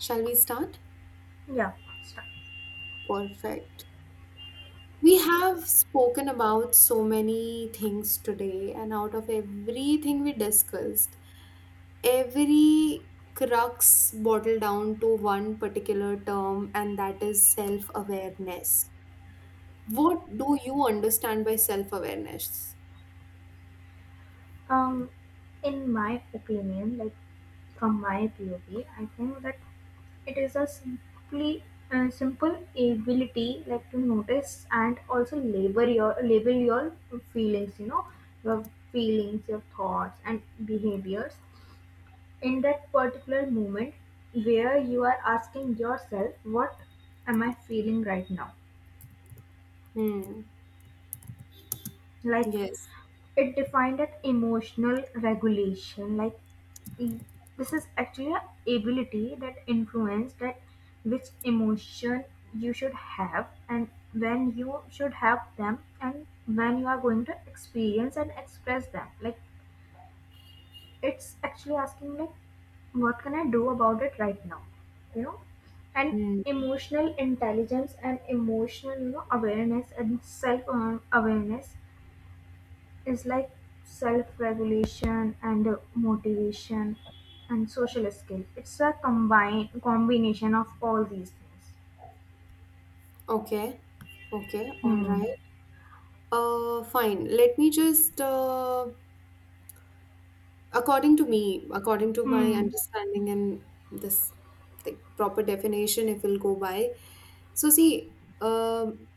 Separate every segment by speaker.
Speaker 1: Shall we start?
Speaker 2: Yeah. Start.
Speaker 1: Perfect. We have spoken about so many things today, and out of everything we discussed, every crux boiled down to one particular term, and that is self awareness. What do you understand by self awareness?
Speaker 2: Um, in my opinion, like from my POV, I think that it is a simply simple ability like to notice and also label your feelings. You know your feelings, your thoughts, and behaviors in that particular moment where you are asking yourself, "What am I feeling right now?"
Speaker 1: Hmm.
Speaker 2: Like
Speaker 1: Yes.
Speaker 2: it defined that emotional regulation, e- this is actually an ability that influence that which emotion you should have and when you should have them and when you are going to experience and express them. Like it's actually asking like what can I do about it right now? You know? And
Speaker 1: Hmm.
Speaker 2: emotional intelligence and emotional awareness and self awareness is like self-regulation and motivation and social skill. It's a combine combination of all these things.
Speaker 1: Okay. Okay. All
Speaker 2: Hmm.
Speaker 1: right. Fine. Let me just according to me, according to my
Speaker 2: Hmm.
Speaker 1: understanding and this like proper definition, if we'll go by. So see, um,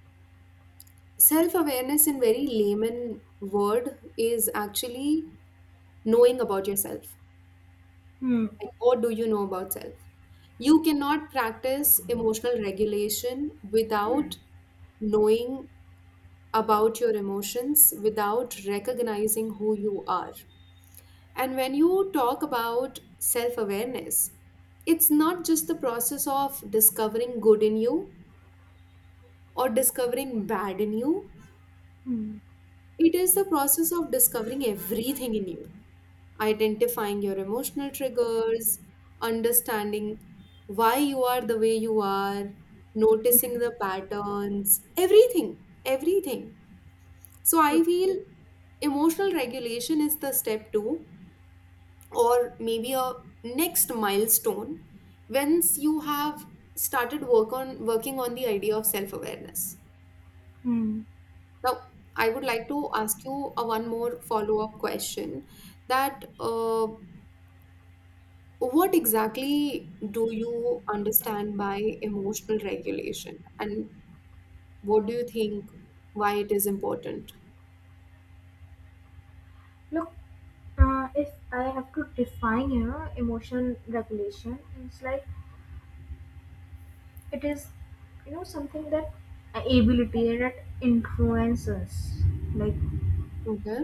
Speaker 1: self-awareness in very layman word is actually knowing about yourself.
Speaker 2: Hmm.
Speaker 1: Like, what do you know about self? You cannot practice emotional regulation without knowing about your emotions, without recognizing who you are. And when you talk about self awareness, it's not just the process of discovering good in you or discovering bad in you,
Speaker 2: Hmm.
Speaker 1: it is the process of discovering everything in you, identifying your emotional triggers, understanding why you are the way you are, noticing the patterns, everything. So I
Speaker 2: True.
Speaker 1: feel emotional regulation is the step two or maybe a next milestone once you have started work on working on the idea of self awareness.
Speaker 2: Hmm.
Speaker 1: Now, I would like to ask you a one more follow up question that what exactly do you understand by emotional regulation, and what do you think why it is important?
Speaker 2: Look, if I have to define, you know, emotion regulation, it's like it is, you know, something that ability that influences, like
Speaker 1: Okay.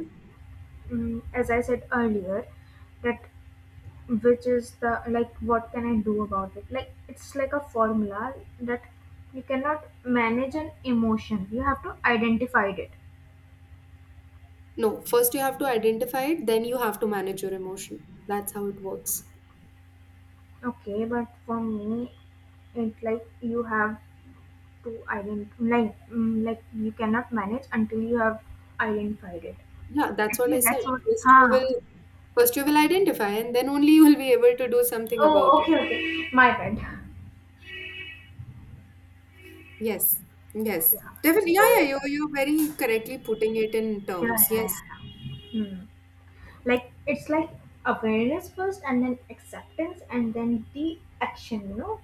Speaker 2: as I said earlier, that which is the like what can I do about it, like it's like a formula that you cannot manage an emotion, you have to identify it.
Speaker 1: No, first you have to identify it, then you have to manage your emotion. That's how it works.
Speaker 2: Okay, but for me it like you have to identify, like like you cannot manage until you have identified it.
Speaker 1: Yeah, that's what
Speaker 2: Actually
Speaker 1: I said.
Speaker 2: that's what, huh.
Speaker 1: First, you will identify, and then only you will be able to do something about
Speaker 2: Oh,
Speaker 1: it.
Speaker 2: okay, okay, my bad.
Speaker 1: Yes,
Speaker 2: Yeah.
Speaker 1: yes, definitely. Yeah, yeah,
Speaker 2: So
Speaker 1: you're very correctly putting it in
Speaker 2: yeah
Speaker 1: terms.
Speaker 2: yeah yeah,
Speaker 1: Yes,
Speaker 2: yeah. Hmm. Like it's like awareness first and then acceptance and then the action, you know.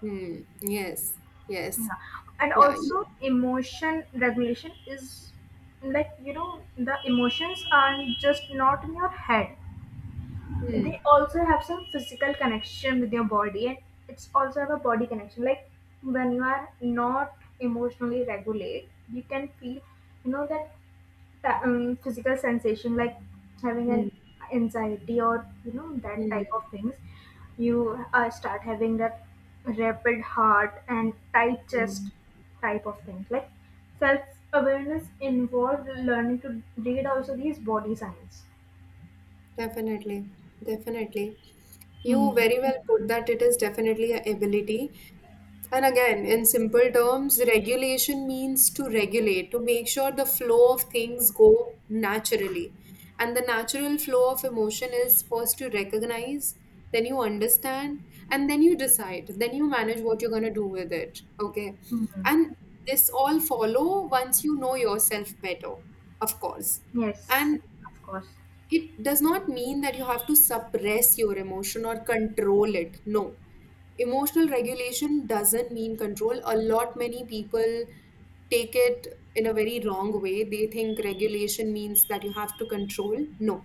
Speaker 1: hmm, yes, yes,
Speaker 2: Yeah. And
Speaker 1: yeah,
Speaker 2: also emotion regulation is like, you know, the emotions are just not in your head,
Speaker 1: hmm.
Speaker 2: they also have some physical connection with your body and it's also have a body connection, like when you are not emotionally regulate you can feel, you know that physical sensation like having an
Speaker 1: Hmm.
Speaker 2: anxiety or you know that
Speaker 1: Hmm.
Speaker 2: type of things. You start having that rapid heart and tight
Speaker 1: Hmm.
Speaker 2: chest type of thing, like self awareness involved learning to read also these body signs.
Speaker 1: Definitely, definitely. You
Speaker 2: Hmm.
Speaker 1: very well put that it is definitely a ability. And again, in simple terms, regulation means to regulate, to make sure the flow of things go naturally. And the natural flow of emotion is first to recognize, then you understand, and then you decide, then you manage what you're going to do with it. Okay.
Speaker 2: Hmm.
Speaker 1: And this all follow once you know yourself better, of course.
Speaker 2: Yes,
Speaker 1: And
Speaker 2: of course.
Speaker 1: it does not mean that you have to suppress your emotion or control it. No, emotional regulation doesn't mean control. A lot many people take it in a very wrong way. They think regulation means that you have to control. No,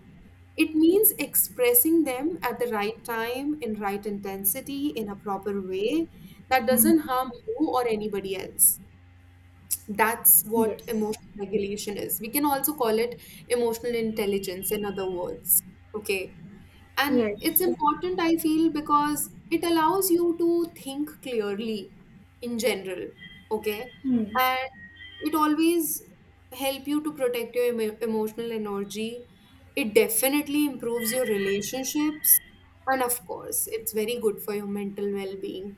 Speaker 1: it means expressing them at the right time, in right intensity, in a proper way that
Speaker 2: Hmm.
Speaker 1: doesn't harm you or anybody else. That's what
Speaker 2: Yes,
Speaker 1: emotional regulation is. We can also call it emotional intelligence in other words. Okay. And it's
Speaker 2: yes.
Speaker 1: important, I feel, because it allows you to think clearly in general. Okay.
Speaker 2: Hmm.
Speaker 1: And it always help you to protect your emotional energy. It definitely improves your relationships, and of course it's very good for your mental well-being.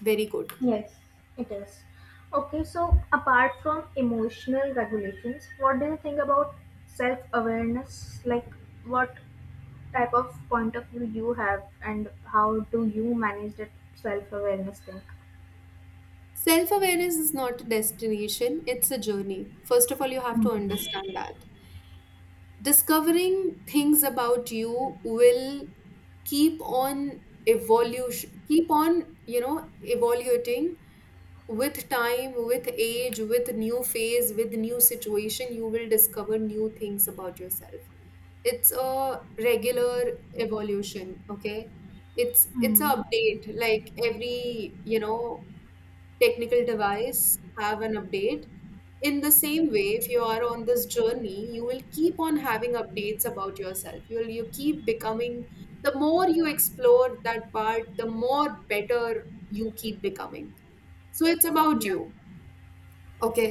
Speaker 1: Very good.
Speaker 2: Yes, it is. Okay, so apart from emotional regulations, what do you think about self awareness? Like, what type of point of view you have, and how do you manage that self awareness thing?
Speaker 1: Self-awareness is not a destination, it's a journey. First of all, you have to
Speaker 2: Hmm.
Speaker 1: understand that discovering things about you will keep on evolution, keep on, you know, evaluating. With time, with age, with new phase, with new situation, you will discover new things about yourself. It's a regular evolution. Okay. It's an
Speaker 2: Hmm.
Speaker 1: update, like every, you know, technical device have an update. In the same way, if you are on this journey, you will keep on having updates about yourself. You keep becoming, the more you explore that part, the more better you keep becoming. So it's about
Speaker 2: Yeah.
Speaker 1: you. Okay.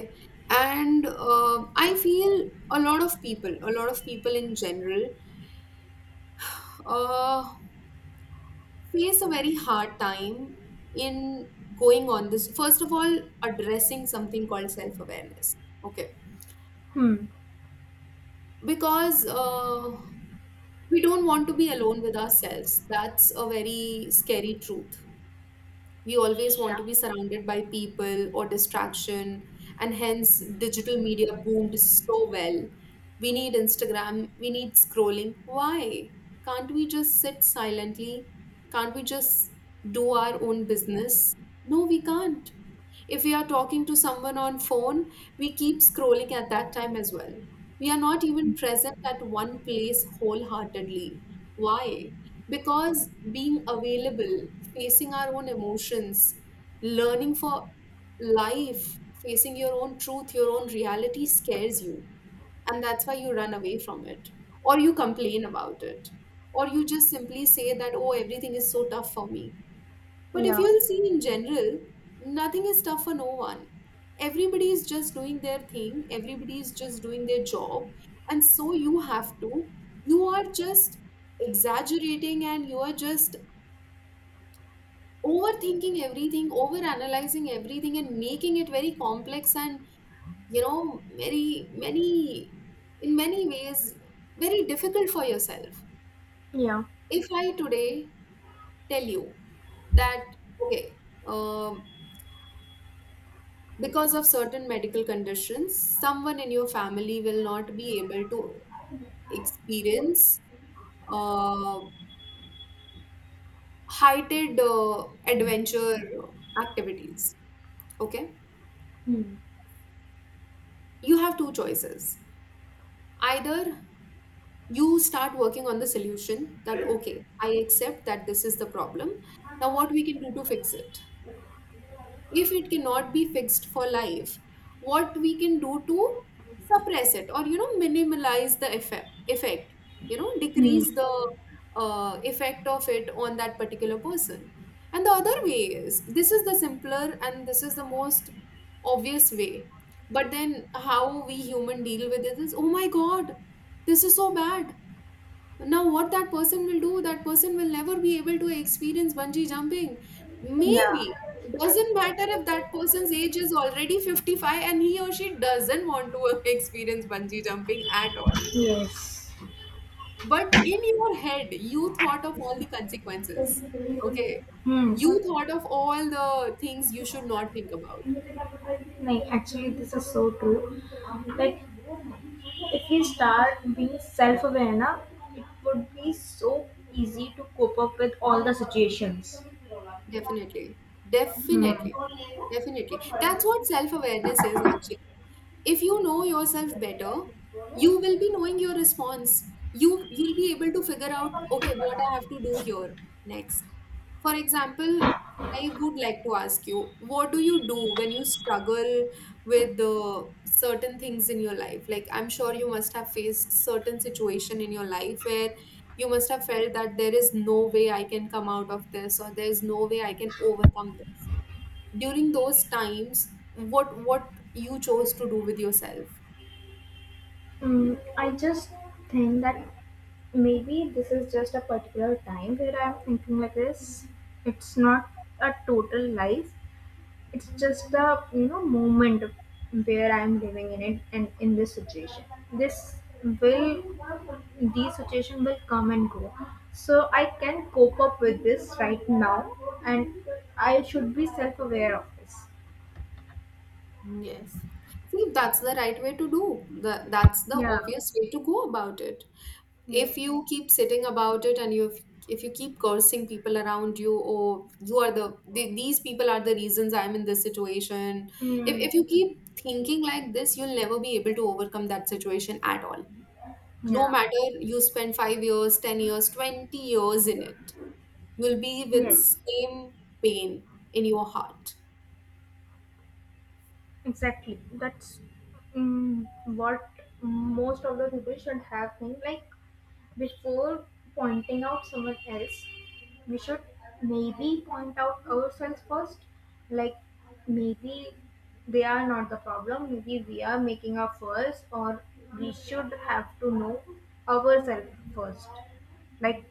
Speaker 1: And I feel a lot of people, a lot of people in general, uh, face a very hard time in going on this. First of all, addressing something called self awareness. Okay,
Speaker 2: Hmm.
Speaker 1: because we don't want to be alone with ourselves. That's a very scary truth. We always want
Speaker 2: Yeah.
Speaker 1: to be surrounded by people or distraction, and hence digital media boomed so well. We need Instagram, we need scrolling. Why? Can't we just sit silently? Can't we just do our own business? No, we can't. If we are talking to someone on phone, we keep scrolling at that time as well. We are not even present at one place wholeheartedly. Why? Because being available, facing our own emotions, learning for life, facing your own truth, your own reality scares you. And that's why you run away from it, or you complain about it, or you just simply say that, oh, everything is so tough for me. But if
Speaker 2: Yeah.
Speaker 1: you'll see in general, nothing is tough for no one. Everybody is just doing their thing, everybody is just doing their job. And so you are just exaggerating and you are just overthinking everything, overanalyzing everything, and making it very complex and, you know, in many ways, very difficult for yourself.
Speaker 2: Yeah.
Speaker 1: If I today tell you that, okay, um, because of certain medical conditions, someone in your family will not be able to experience uh, heighted adventure activities. Okay,
Speaker 2: Hmm.
Speaker 1: you have two choices. Either you start working on the solution that, okay, I accept that this is the problem. Now, what we can do to fix it? If it cannot be fixed for life, what we can do to suppress it, or you know, minimize the effect, you know, decrease the effect of it on that particular person. And the other way is, this is the simpler and this is the most obvious way, but then how we human deal with it is, oh my god, this is so bad. Now, what that person will do, that person will never be able to experience bungee jumping.
Speaker 2: Yeah.
Speaker 1: Maybe. Doesn't matter if that person's age is already 55 and he or she doesn't want to experience bungee jumping at all.
Speaker 2: Yes.
Speaker 1: But in your head, you thought of all the consequences. Okay.
Speaker 2: Hmm.
Speaker 1: You thought of all the things you should not think about.
Speaker 2: Like, actually, this is so true. Like, if we start being self-aware, na, it would be so easy to cope up with all the situations.
Speaker 1: Definitely.
Speaker 2: Hmm.
Speaker 1: Definitely. Definitely. That's what self awareness is. If you know yourself better, you will be knowing your response. You'll be able to figure out, okay, what I have to do here next. For example, I would like to ask you, what do you do when you struggle with certain things in your life? Like, I'm sure you must have faced certain situation in your life where you must have felt that there is no way I can come out of this, or there's no way I can overcome this. During those times, what you chose to do with yourself?
Speaker 2: I just think that maybe this is just a particular time where I'm thinking like this. It's not a total life, it's just the you know moment where I'm living in it, and in this situation this will these situation will come and go, so I can cope up with this right now, and I should be self-aware of this.
Speaker 1: Yes. See, that's the right way to do the that's the
Speaker 2: Yeah.
Speaker 1: obvious way to go about it. If
Speaker 2: Yes.
Speaker 1: you keep sitting about it, and you, if you keep cursing people around you, or you are, these people are the reasons I'm in this situation, if,
Speaker 2: mm,
Speaker 1: if you keep thinking like this, you'll never be able to overcome that situation at all, no
Speaker 2: yeah.
Speaker 1: matter you spend 5 years 10 years 20 years in it. You'll be with
Speaker 2: Yes.
Speaker 1: same pain in your heart.
Speaker 2: Exactly, that's what most of the people should have been like. Before pointing out someone else, we should maybe point out ourselves first. Like, maybe they are not the problem, maybe we are making a fuss, or we should have to know ourselves first. Like,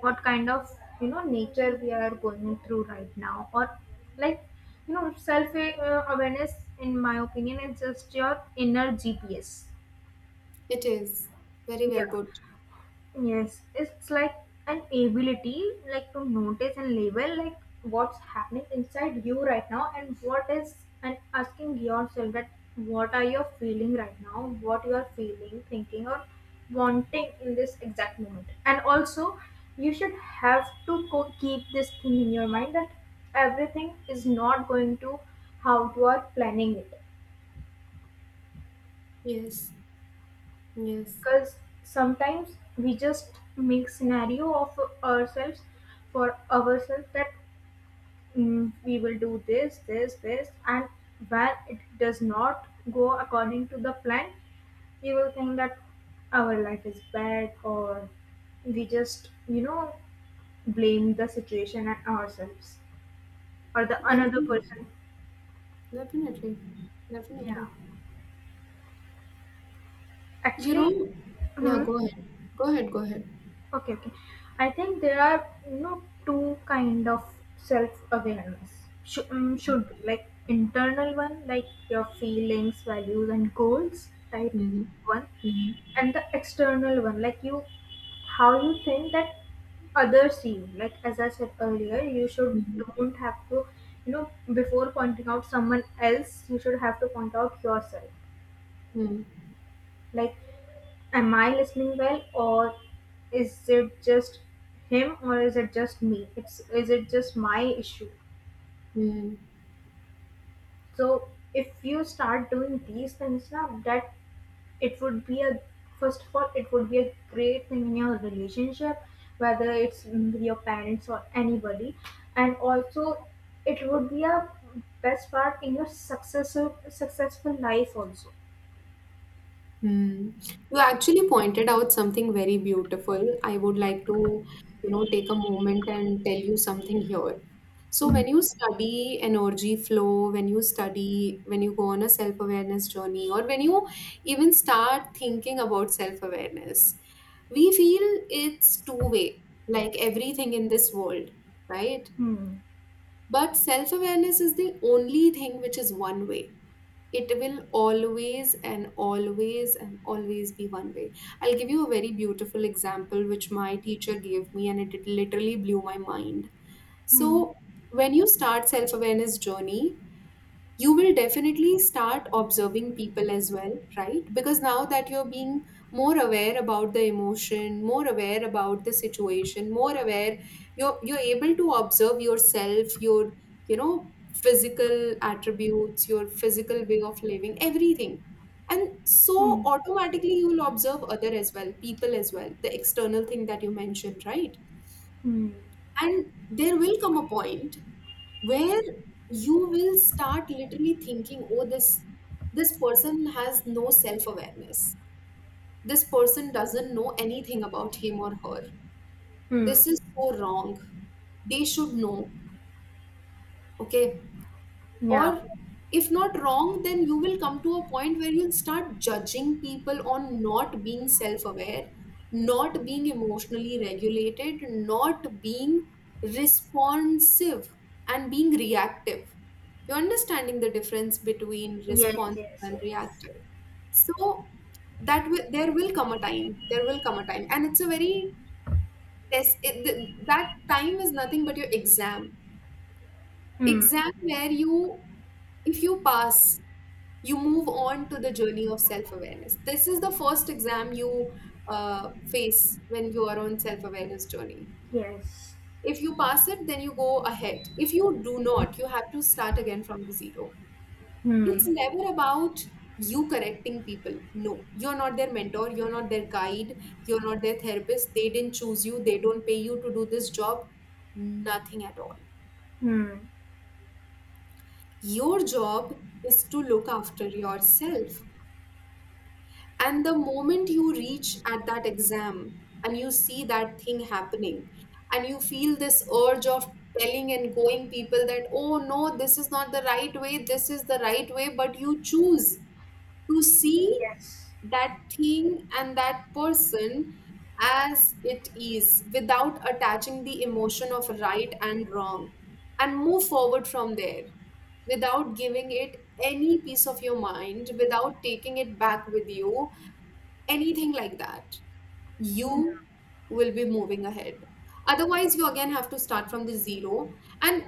Speaker 2: what kind of you know nature we are going through right now, or like you know self awareness. In my opinion, is just your inner GPS.
Speaker 1: It is very
Speaker 2: Yeah.
Speaker 1: well put.
Speaker 2: Yes, it's like an ability like to notice and label like what's happening inside you right now and what is, and asking yourself that what are you feeling right now, what you are feeling, thinking or wanting in this exact moment. And also you should have to keep this thing in your mind that everything is not going to how you are planning it.
Speaker 1: Yes, yes,
Speaker 2: Because sometimes we just make scenario of ourselves for ourselves that, we will do this this this, and when it does not go according to the plan, we will think that our life is bad, or we just you know blame the situation and ourselves or the another
Speaker 1: definitely,
Speaker 2: person.
Speaker 1: definitely,
Speaker 2: Yeah,
Speaker 1: definitely. You
Speaker 2: actually.
Speaker 1: know, yeah,
Speaker 2: Hmm.
Speaker 1: go ahead go ahead.
Speaker 2: Okay, okay. I think there are you know two kind of self awareness. Should be like internal one, like your feelings, values, and goals type
Speaker 1: Hmm.
Speaker 2: one,
Speaker 1: Hmm.
Speaker 2: and the external one, like you how you think that others see you. Like as I said earlier, you should
Speaker 1: Hmm.
Speaker 2: don't have to you know before pointing out someone else, you should have to point out yourself.
Speaker 1: Hmm.
Speaker 2: Like, am I listening well, or is it just him, or is it just me? It's is it just my issue?
Speaker 1: Hmm.
Speaker 2: So if you start doing these things now, that it would be a first of all, it would be a great thing in your relationship, whether it's with your parents or anybody, and also it would be a best part in your successful life also.
Speaker 1: Hmm. You actually pointed out something very beautiful. I would like to, you know, take a moment and tell you something here. So when you study energy flow, when you study, when you go on a self-awareness journey, or when you even start thinking about self-awareness, we feel it's two-way, like everything in this world, right?
Speaker 2: Hmm.
Speaker 1: But self-awareness is the only thing which is one way. It will always and always and always be one way. I'll give you a very beautiful example which my teacher gave me, and it literally blew my mind.
Speaker 2: Hmm.
Speaker 1: So when you start self-awareness journey, you will definitely start observing people as well, right? Because now that you're being more aware about the emotion, more aware about the situation, more aware, you're able to observe yourself, your, you know, physical attributes, your physical way of living, everything. And so
Speaker 2: Hmm.
Speaker 1: automatically you will observe other as well, people as well, the external thing that you mentioned, right?
Speaker 2: Hmm.
Speaker 1: And there will come a point where you will start literally thinking, oh, this person has no self awareness, this person doesn't know anything about him or her,
Speaker 2: Hmm.
Speaker 1: this is so wrong, they should know. Okay,
Speaker 2: Yeah.
Speaker 1: or if not wrong, then you will come to a point where you'll start judging people on not being self-aware, not being emotionally regulated, not being responsive and being reactive. You're understanding the difference between
Speaker 2: Yes,
Speaker 1: responsive
Speaker 2: yes,
Speaker 1: and
Speaker 2: yes.
Speaker 1: reactive. So that will there will come a time, and it's a very that time is nothing but your exam,
Speaker 2: Hmm.
Speaker 1: exam where you, if you pass, you move on to the journey of self-awareness. This is the first exam you face when you are on self-awareness journey.
Speaker 2: Yes.
Speaker 1: If you pass it then you go ahead, if you do not you have to start again from the zero. It's
Speaker 2: Hmm.
Speaker 1: never about you correcting people. No, you're not their mentor, you're not their guide, you're not their therapist. They didn't choose you, they don't pay you to do this job, nothing at all.
Speaker 2: Hmm.
Speaker 1: Your job is to look after yourself. And the moment you reach at that exam and you see that thing happening and you feel this urge of telling and going people that, oh no, this is not the right way, this is the right way, but you choose to see
Speaker 2: Yes.
Speaker 1: that thing and that person as it is without attaching the emotion of right and wrong and move forward from there without giving it any piece of your mind, without taking it back with you, anything like that, you will be moving ahead. Otherwise, you again have to start from the zero. And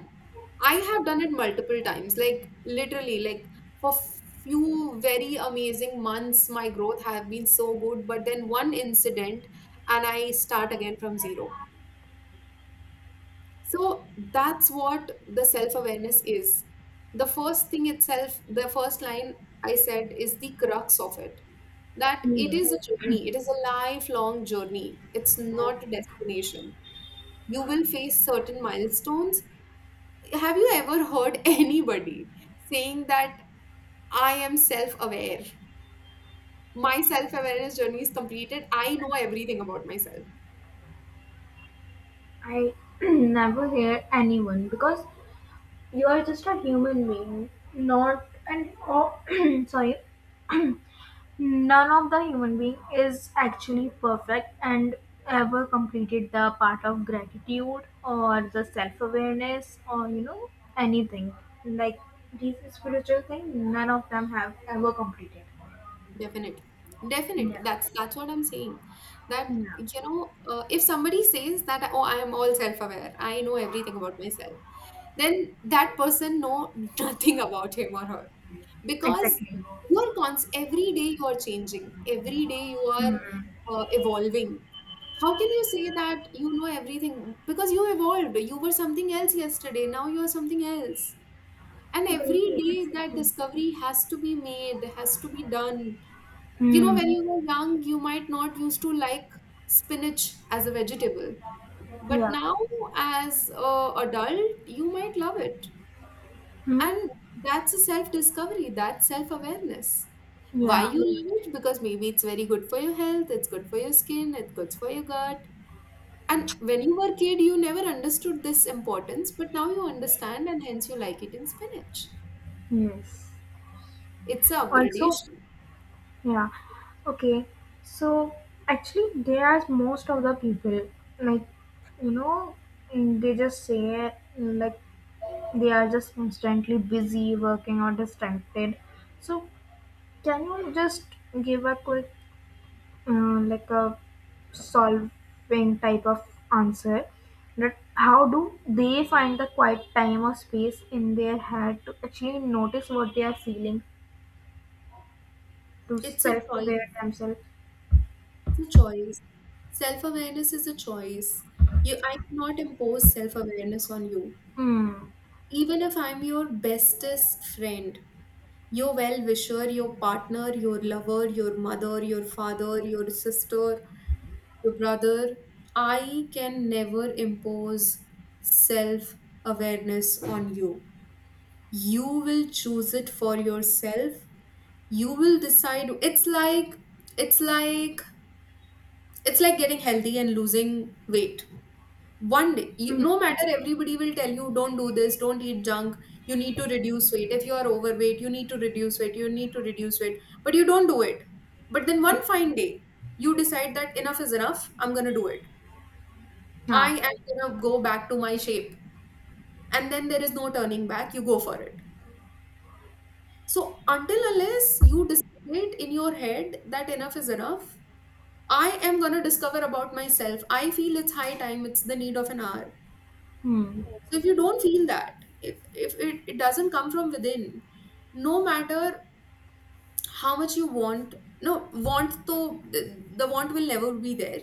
Speaker 1: I have done it multiple times, like literally, like for few very amazing months, my growth have been so good. But then one incident, and I start again from zero. So that's what the self awareness is. The first thing itself, the first line I said is the crux of it, that it
Speaker 2: Hmm.
Speaker 1: is a journey, it is a lifelong journey, it's not a destination. You will face certain milestones. Have you ever heard anybody saying that I am self aware? My self awareness journey is completed. I know everything about myself.
Speaker 2: I never hear anyone because you are just a human being, not and oh, sorry. None of the human being is actually perfect and ever completed the part of gratitude or the self awareness or you know anything like this spiritual thing. None of them have ever completed.
Speaker 1: Definitely. Definitely.
Speaker 2: Yeah.
Speaker 1: That's what I'm saying. That,
Speaker 2: Yeah.
Speaker 1: you know, if somebody says that, oh, I am all self-aware, I know everything about myself, then that person know nothing about him or her, because
Speaker 2: Exactly.
Speaker 1: you're cons every day you are changing, every day you are
Speaker 2: Hmm.
Speaker 1: evolving. How can you say that you know everything? Because you evolved. You were something else yesterday. Now you are something else. And every
Speaker 2: Really,
Speaker 1: day that
Speaker 2: exactly.
Speaker 1: discovery has to be made, has to be done. You know,
Speaker 2: Hmm.
Speaker 1: when you were young, you might not used to like spinach as a vegetable, but
Speaker 2: Yeah.
Speaker 1: now as a adult, you might love it.
Speaker 2: Hmm.
Speaker 1: And that's a self-discovery, that's self-awareness. Why
Speaker 2: Yeah.
Speaker 1: you love it? Because maybe it's very good for your health, it's good for your skin, it's good for your gut. And when you were a kid, you never understood this importance, but now you understand and hence you like eating spinach.
Speaker 2: Yes.
Speaker 1: It's a
Speaker 2: Also,
Speaker 1: upgradation.
Speaker 2: yeah. Okay. So actually, there are most of the people like you know they just say like they are just constantly busy working or distracted. So can you just give a quick like a solving type of answer that how do they find the quiet time or space in their head to actually notice what they are feeling to
Speaker 1: It's a choice.
Speaker 2: self-aware themselves.
Speaker 1: It's a choice. Self awareness is a choice. You, I cannot impose self awareness on you.
Speaker 2: Hmm.
Speaker 1: Even if I'm your bestest friend, your well wisher, your partner, your lover, your mother, your father, your sister, your brother, I can never impose self awareness on you. You will choose it for yourself. You will decide. It's like, it's like getting healthy and losing weight. One day you,
Speaker 2: Hmm.
Speaker 1: no matter, everybody will tell you don't do this, don't eat junk, you need to reduce weight, if you are overweight you need to reduce weight, you need to reduce weight, but you don't do it. But then one fine day you decide that enough is enough, I'm going to do it. I
Speaker 2: Yeah.
Speaker 1: am going to go back to my shape. And then there is no turning back, you go for it. So until unless you decide in your head that enough is enough, I am going to discover about myself, I feel it's high time, it's the need of an hour.
Speaker 2: Hmm.
Speaker 1: So if you don't feel that, if it, it doesn't come from within, no matter how much you want, no, want, though the want will never be there.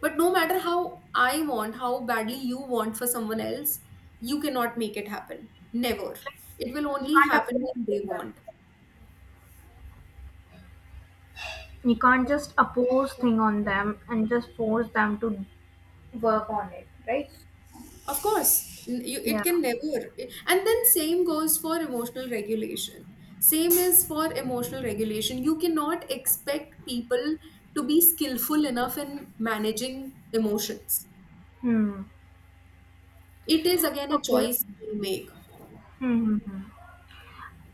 Speaker 1: But no matter how I want, how badly you want for someone else, you cannot make it happen. Never. It will
Speaker 2: You
Speaker 1: only
Speaker 2: can't
Speaker 1: happen when they
Speaker 2: oppose them.
Speaker 1: want.
Speaker 2: You can't just oppose thing on them and just force them to work on it, right?
Speaker 1: Of course, it
Speaker 2: Yeah.
Speaker 1: can never. And then same goes for emotional regulation. Same is for emotional regulation. You cannot expect people to be skillful enough in managing emotions.
Speaker 2: Hmm.
Speaker 1: It is again a
Speaker 2: Okay.
Speaker 1: choice they make.
Speaker 2: Hmm, hmm, hmm.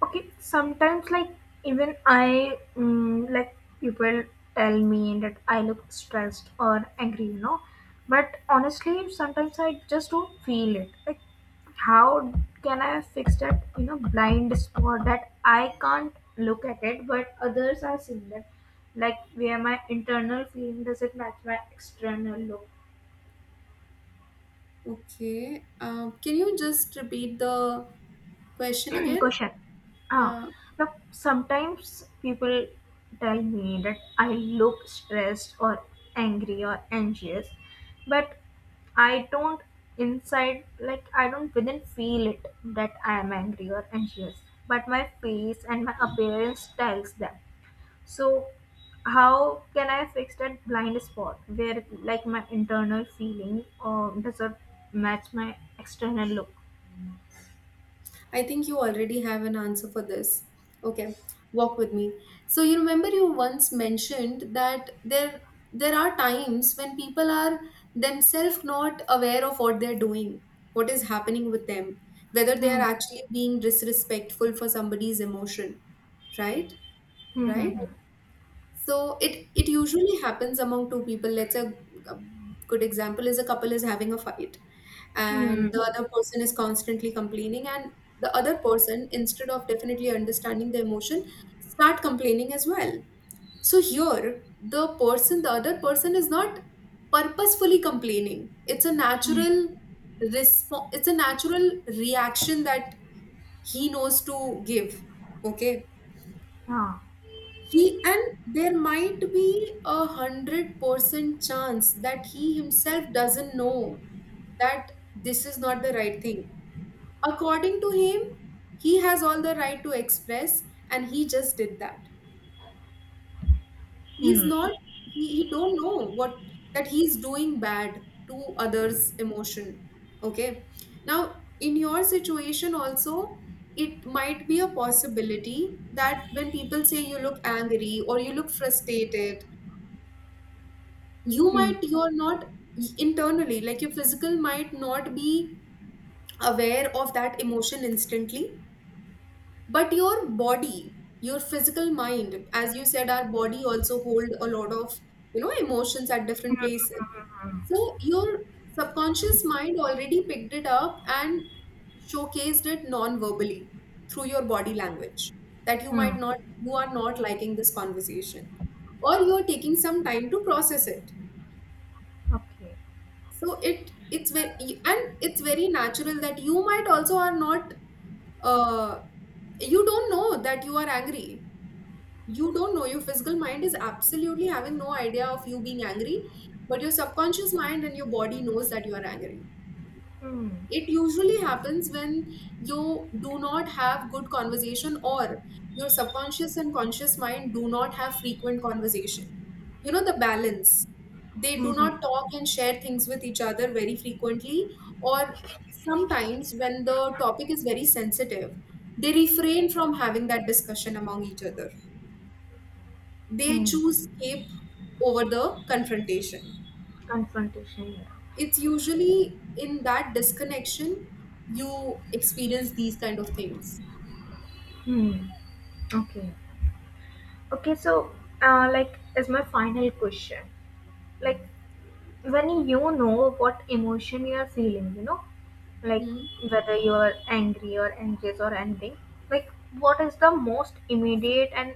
Speaker 2: Okay, sometimes like even I, like people tell me that I look stressed or angry, you know. But honestly, sometimes I just don't feel it. Like, how can I fix that? You know, blind spot that I can't look at it, but others are seeing that. Like, where my internal feeling doesn't match my external look.
Speaker 1: Okay. Can you just repeat the question again?
Speaker 2: Question. Ah,
Speaker 1: Yeah.
Speaker 2: now sometimes people tell me that I look stressed or angry or anxious, but I don't inside like I don't within feel it that I am angry or anxious, but my face and my appearance tells them. So how can I fix that blind spot where like my internal feeling or does not match my external look?
Speaker 1: I think you already have an answer for this. Okay, walk with me. So you remember you once mentioned that there are times when people are themselves not aware of what they're doing, what is happening with them, whether they are
Speaker 2: Hmm.
Speaker 1: actually being disrespectful for somebody's emotion, right?
Speaker 2: Hmm.
Speaker 1: Right?
Speaker 2: Hmm.
Speaker 1: So it usually happens among two people. Let's say a good example is a couple is having a fight,
Speaker 2: Hmm.
Speaker 1: and
Speaker 2: Hmm.
Speaker 1: the other person is constantly complaining, and the other person, instead of definitely understanding the emotion, start complaining as well. So here, the other person is not purposefully complaining. It's a natural response. It's a natural reaction that he knows to give. Okay,
Speaker 2: Ah,
Speaker 1: he, and there might be 100% chance that he himself doesn't know that this is not the right thing. According to him, he has all the right to express, and he just did that. He's
Speaker 2: hmm,
Speaker 1: not. He don't know what that he's doing bad to others' emotion. Okay. Now, in your situation also, it might be a possibility that when people say you look angry or you look frustrated,
Speaker 2: hmm,
Speaker 1: you're not internally, like your physical might not be aware of that emotion instantly, but your body, your physical mind, as you said, our body also hold a lot of, you know, emotions at
Speaker 2: hmm,
Speaker 1: different places.
Speaker 2: hmm, hmm,
Speaker 1: So your subconscious mind already picked it up and showcased it non-verbally through your body language, that
Speaker 2: hmm.
Speaker 1: you are not liking this conversation or you are taking some time to process it.
Speaker 2: Okay.
Speaker 1: So it's very, and it's very natural that you might also are not, uh you don't know that you are angry, you don't know, your physical mind is absolutely having no idea of you being angry, but your subconscious mind and your body knows that you are angry.
Speaker 2: Hmm,
Speaker 1: It usually happens when you do not have good conversation, or your subconscious and conscious mind do not have frequent conversation, you know, the balance, they
Speaker 2: hmm,
Speaker 1: do
Speaker 2: hmm,
Speaker 1: not talk and share things with each other very frequently, or sometimes when the topic is very sensitive they refrain from having that discussion among each other, they choose
Speaker 2: hmm.
Speaker 1: escape over the confrontation.
Speaker 2: Confrontation. Yeah.
Speaker 1: It's usually in that disconnection you experience these kind of things.
Speaker 2: Hmm. Okay. Okay. So, like, is my final question. Like, when you know what emotion you are feeling, you know, like
Speaker 1: Hmm.
Speaker 2: whether you are angry or anxious or anything, like what is the most immediate and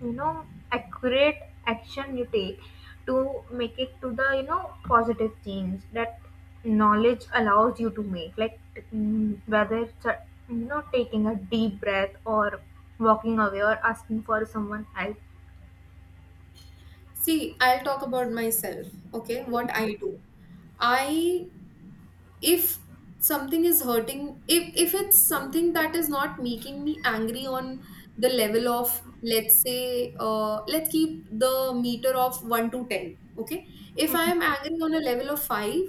Speaker 2: you know accurate action you take to make it to the you know positive change that knowledge allows you to make, like whether it's a, you know taking a deep breath or walking away or asking for someone help.
Speaker 1: See, I'll talk about myself, okay? What I do. I, if something is hurting, if it's something that is not making me angry on the level of, let's say, let's keep the meter of 1 to 10, okay? If I am angry on a level of 5,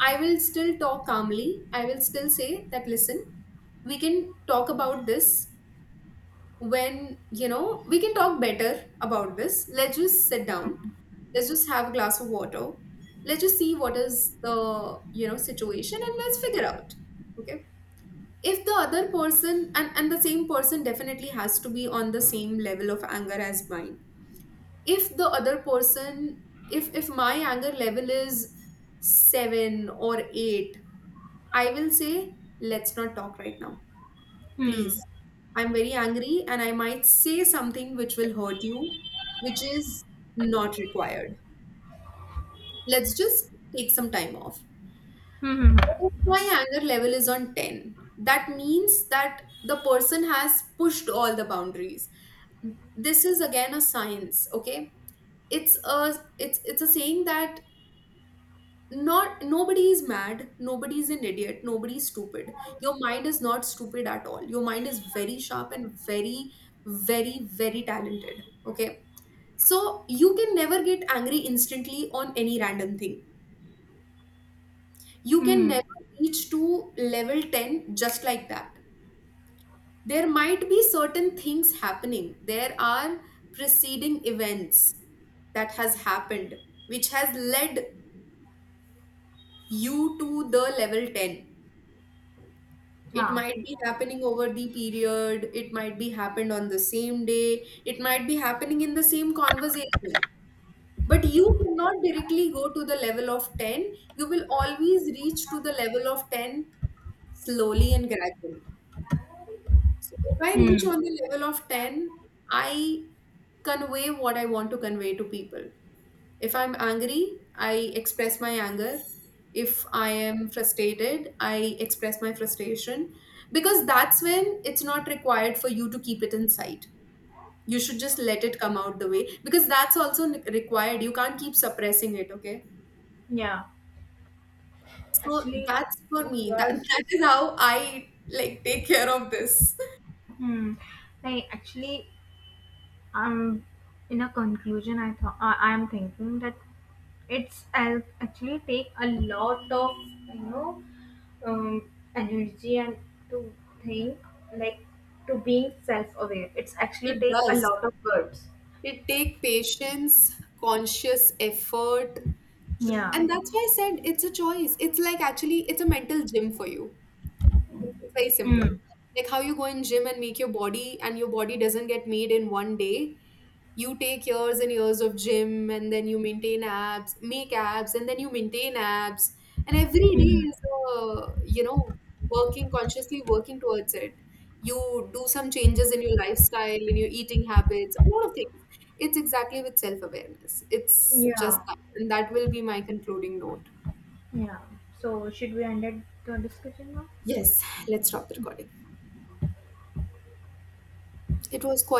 Speaker 1: I will still talk calmly. I will still say that, listen, we can talk about this when, you know, we can talk better about this. Let's just sit down. Let's just have a glass of water. Let's just see what is the, you know, situation and let's figure out. Okay. If the other person, and the same person definitely has to be on the same level of anger as mine. If the other person, if my anger level is 7 or 8, I will say, let's not talk right now, please.
Speaker 2: Hmm.
Speaker 1: I'm very angry and I might say something which will hurt you, which is not required. Let's just take some time off.
Speaker 2: Hmm.
Speaker 1: But if my anger level is on 10, that means that the person has pushed all the boundaries. This is again a science, okay? It's a it's a saying that not nobody is mad, nobody is an idiot, nobody is stupid. Your mind is not stupid at all, your mind is very sharp and very talented, okay? So you can never get angry instantly on any random thing, you
Speaker 2: Hmm. Hmm.
Speaker 1: can
Speaker 2: Hmm.
Speaker 1: never reach to level 10 just like that. There might be certain things happening, there are preceding events that has happened which has led you to the level 10. It
Speaker 2: Yeah.
Speaker 1: might be happening over the period, it might be happened on the same day, it might be happening in the same conversation. But you cannot directly go to the level of 10. You will always reach to the level of 10 slowly and gradually. So if I reach
Speaker 2: Hmm.
Speaker 1: on the level of 10, I convey what I want to convey to people. If I'm angry, I express my anger. If I am frustrated, I express my frustration, because that's when it's not required for you to keep it inside. You should just let it come out the way, because that's also required. You can't keep suppressing it, okay?
Speaker 2: Yeah.
Speaker 1: So
Speaker 2: Actually,
Speaker 1: that's for
Speaker 2: book
Speaker 1: me. That,
Speaker 2: yours.
Speaker 1: that is how I like take care of this.
Speaker 2: Hmm. Like actually, um, in a conclusion, I thought I am thinking that actually take a lot of you know energy and to think like to being self aware. It's actually
Speaker 1: It
Speaker 2: take a
Speaker 1: does.
Speaker 2: lot of words.
Speaker 1: It take patience, conscious effort,
Speaker 2: Yeah.
Speaker 1: and that's why I said it's a choice. It's like actually it's a mental gym for you. It's very simple.
Speaker 2: Hmm.
Speaker 1: Like how you go in gym and make your body, and your body doesn't get made in one day, you take years and years of gym and then you maintain abs, make abs and then you maintain abs, and every day
Speaker 2: Hmm.
Speaker 1: is you know, working consciously working towards it. You do some changes in your lifestyle, in your eating habits, a lot of things. It's exactly with self-awareness, it's just
Speaker 2: Yeah.
Speaker 1: that. And that will be my concluding note.
Speaker 2: Yeah. So should we end it the discussion now?
Speaker 1: Yes, let's stop the recording. It was